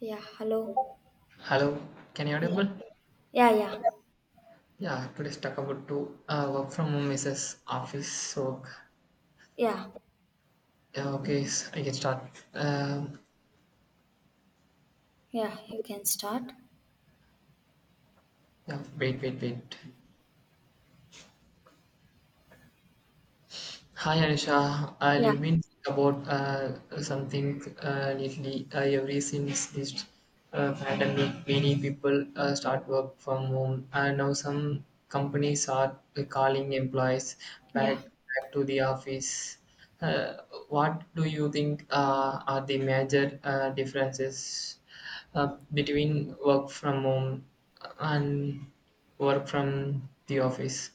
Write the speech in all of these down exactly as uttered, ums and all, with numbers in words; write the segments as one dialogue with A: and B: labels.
A: Yeah, hello.
B: Hello, can you
A: Yeah,
B: audible?
A: yeah, yeah,
B: Yeah, today's talk about to uh, work from home versus office work.
A: yeah,
B: Yeah, okay, so I can start. Um,
A: yeah, you can start.
B: yeah, wait, wait, wait. Hi Anisha, I
A: Yeah,
B: have been thinking about uh, something uh, lately. Uh, ever since this uh, pandemic, many people uh, start work from home, and now some companies are calling employees
A: yeah.
B: back back to the office. Uh, what do you think uh, are the major uh, differences uh, between work from home and work from the office?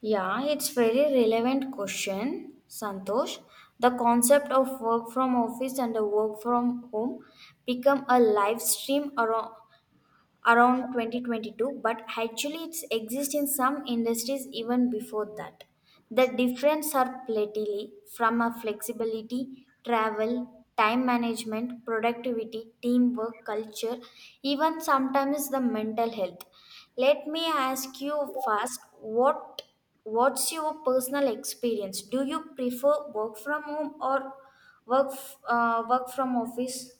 A: Yeah, it's very relevant question, Santosh. The concept of work from office and the work from home become a live stream around around twenty twenty-two, but actually it's exists in some industries even before that. The difference are plenty from a flexibility, travel, time management, productivity, teamwork, culture, even sometimes the mental health. Let me ask you first what what's your personal experience? Do you prefer work from home or work f- uh, work from office?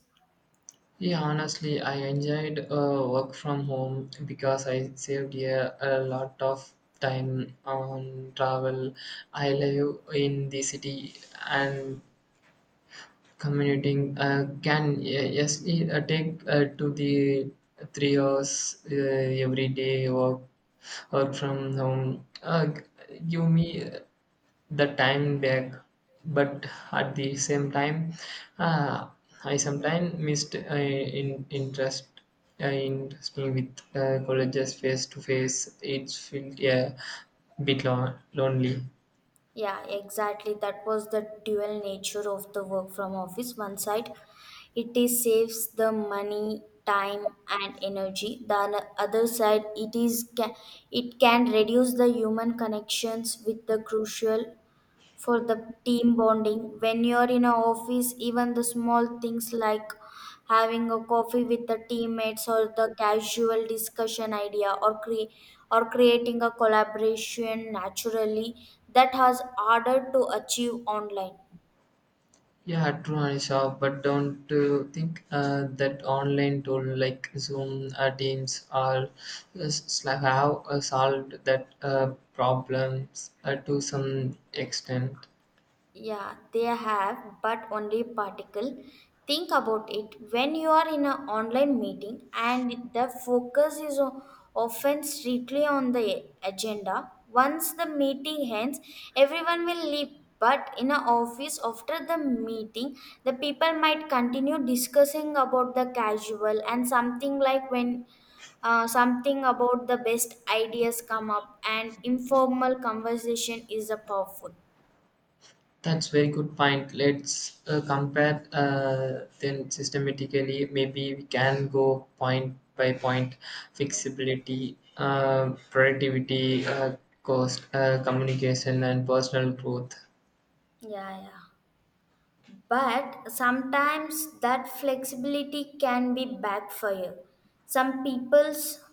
B: Yeah, honestly, I enjoyed uh, work from home because I saved a, a lot of time on travel. I live in the city, and commuting uh, can uh, yes it, uh, take uh, to the three hours uh, every day. Work work from home. Uh, give me the time back, but at the same time, uh, I sometimes missed uh, in interest uh, in speaking with uh, colleges face to face. It's felt, yeah, bit lon- lonely.
A: Yeah, exactly. That was the dual nature of the work from office. One side, it is saves the money, time, and energy. The other side, it is ca- it can reduce the human connections with the crucial for the team bonding. When you're in an office, even the small things like having a coffee with the teammates or the casual discussion idea or cre- or creating a collaboration naturally that has harder to achieve online.
B: Yeah, true Anisha, but don't uh, think uh, that online tool like Zoom, uh, Teams, or uh, Slack have uh, solved that uh, problems uh, to some extent.
A: Yeah, they have, but only particle. Think about it. When you are in an online meeting and the focus is o- often strictly on the agenda, once the meeting ends, everyone will leave. But in an office, after the meeting, the people might continue discussing about the casual and something like when uh, something about the best ideas come up and informal conversation is a powerful.
B: That's very good point. Let's uh, compare uh, then systematically. Maybe we can go point by point. Flexibility, uh, productivity, uh, cost, uh, communication, and personal growth.
A: Yeah, yeah. But sometimes that flexibility can be backfire. Some people's,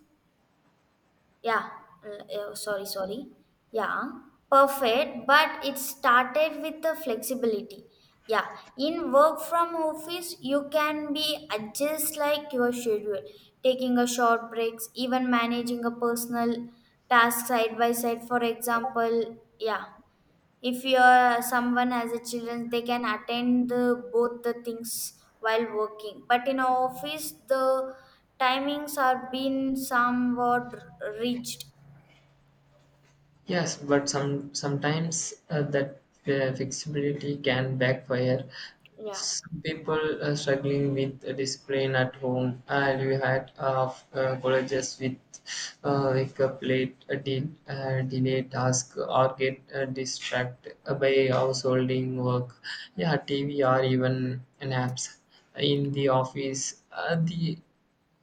A: yeah, l- uh, sorry, sorry, yeah, perfect, but it started with the flexibility. Yeah, in work from office, you can be adjust like your schedule, taking a short breaks, even managing a personal task side by side, for example. Yeah, if you're someone has a children they can attend the, both the things while working, but in our office the timings are being somewhat reached.
B: Yes, but some sometimes uh, that uh, flexibility can backfire.
A: Yeah,
B: Some people are struggling with uh, discipline at home, and we had of uh, colleges with uh, wake up late, uh, de- uh, delay task, or get uh, distracted by householding work, yeah, T V, or even naps. In the office, uh, the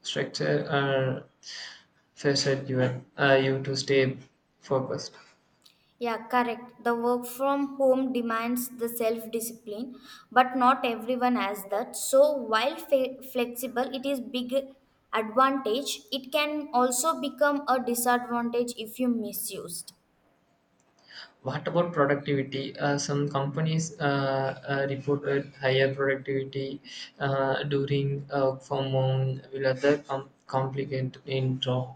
B: structure uh, pressured you, uh, you to stay focused.
A: yeah, correct, the work from home demands the self discipline, but not everyone has that. So while fe- flexible it is big advantage, it can also become a disadvantage if you misused.
B: What about productivity? Uh, some companies uh, uh, reported higher productivity uh, during uh, from home, will other com- complicate in draw.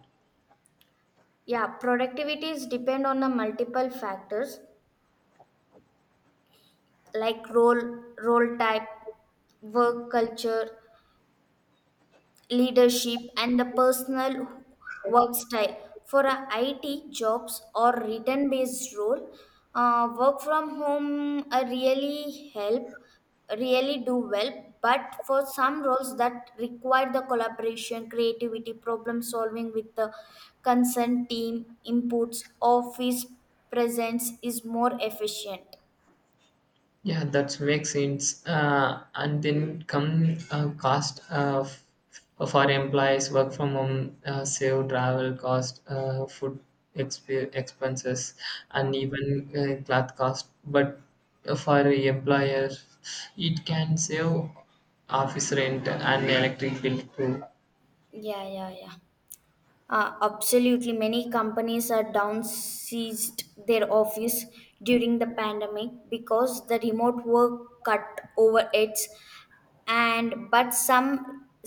A: Yeah, productivity is depend on the multiple factors like role role type, work culture, leadership, and the personal work style. For a I T jobs or return based role, uh, work from home uh, really help, really do well. But for some roles that require the collaboration, creativity, problem solving with the consent team inputs, office presence is more efficient.
B: Yeah, that makes sense. Uh, and then come uh, cost uh, f- for employees, work from home, uh, save travel cost, uh, food exp- expenses, and
A: yeah
B: even uh, cloth cost. But for employers, it can save office rent and electric bill too.
A: yeah yeah yeah Uh, absolutely. Many companies are downsized their office during the pandemic because the remote work cut overheads. And but some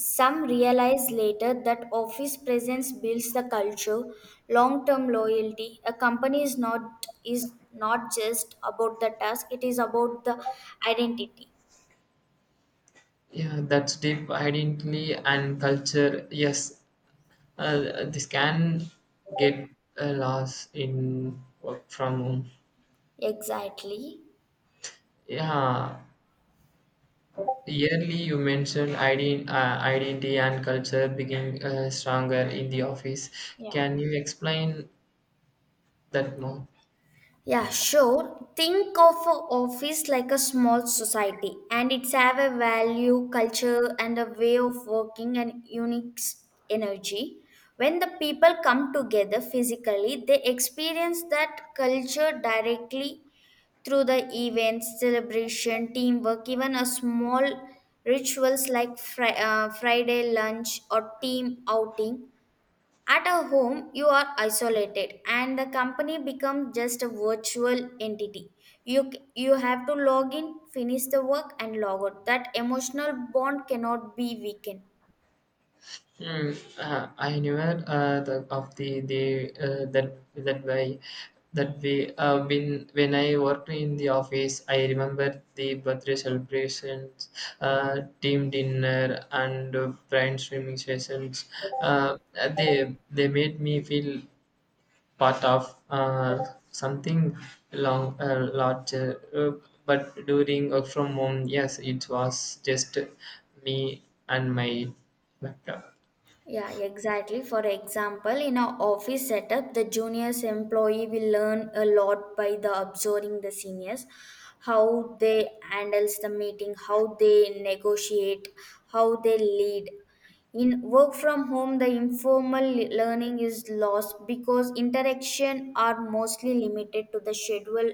A: some realize later that office presence builds the culture, long-term loyalty. A company is not is not just about the task, it is about the identity.
B: Yeah, that's deep identity and culture. Yes, uh, this can get a loss in work from home.
A: Exactly.
B: Yeah, yearly you mentioned ident- uh, identity and culture being uh, stronger in the office.
A: Yeah.
B: Can you explain that more?
A: Yeah, sure. Think of a office like a small society, and it's have a value, culture, and a way of working and unique s- energy. When the people come together physically, they experience that culture directly through the events, celebration, teamwork, even a small rituals like fri- uh, Friday lunch or team outing. At a home, you are isolated and the company becomes just a virtual entity. You, you have to log in, finish the work, and log out. That emotional bond cannot be weakened.
B: Hmm. Uh, I never uh, the, of the the uh, that that way that way. Uh, when when I worked in the office, I remember the birthday celebrations, uh, team dinner, and uh, brainstorming sessions. Uh, they they made me feel part of uh, something long uh, larger. Uh, but during work from home, yes, it was just me and my laptop.
A: Yeah, exactly. For example, in our office setup, the juniors employee will learn a lot by the observing the seniors, how they handles the meeting, how they negotiate, how they lead. In work from home, the informal learning is lost because interaction are mostly limited to the scheduled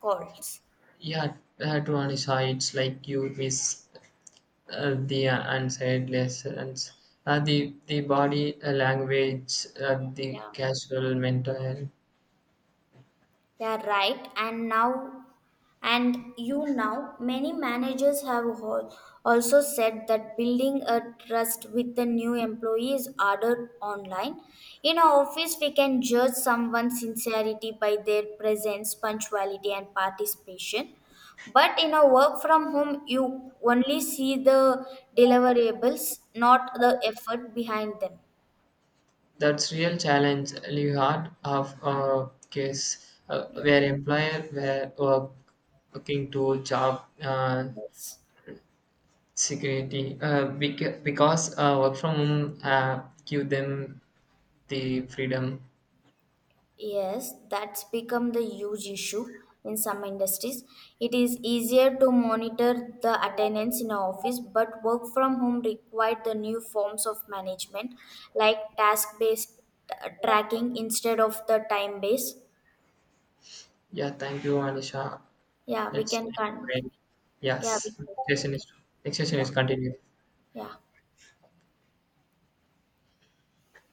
A: calls.
B: Yeah, uh, to Anisha, it's like you miss uh, the uh, unsaid lessons. Uh, the the body uh, language, uh, the
A: Yeah.
B: casual mental.
A: Yeah, right. And now And you now, many managers have al- also said that building a trust with the new employee is harder online. In our office, we can judge someone's sincerity by their presence, punctuality, and participation. But in a work from home, you only see the deliverables, not the effort behind them.
B: That's real challenge. You heard of a case uh,
A: Yeah.
B: where employer were uh, looking to job uh,
A: Yes.
B: security uh, bec- because uh, work from home uh, give them the freedom.
A: Yes, that's become the huge issue in some industries. It is easier to monitor the attendance in an office, but work from home required the new forms of management like task based tracking instead of the time based.
B: Yeah, thank you, Anisha.
A: Yeah, we
B: Let's,
A: can continue. Yeah, we
B: yes. Next session
A: can.
B: is next session
A: Yeah,
B: is continued.
A: yeah.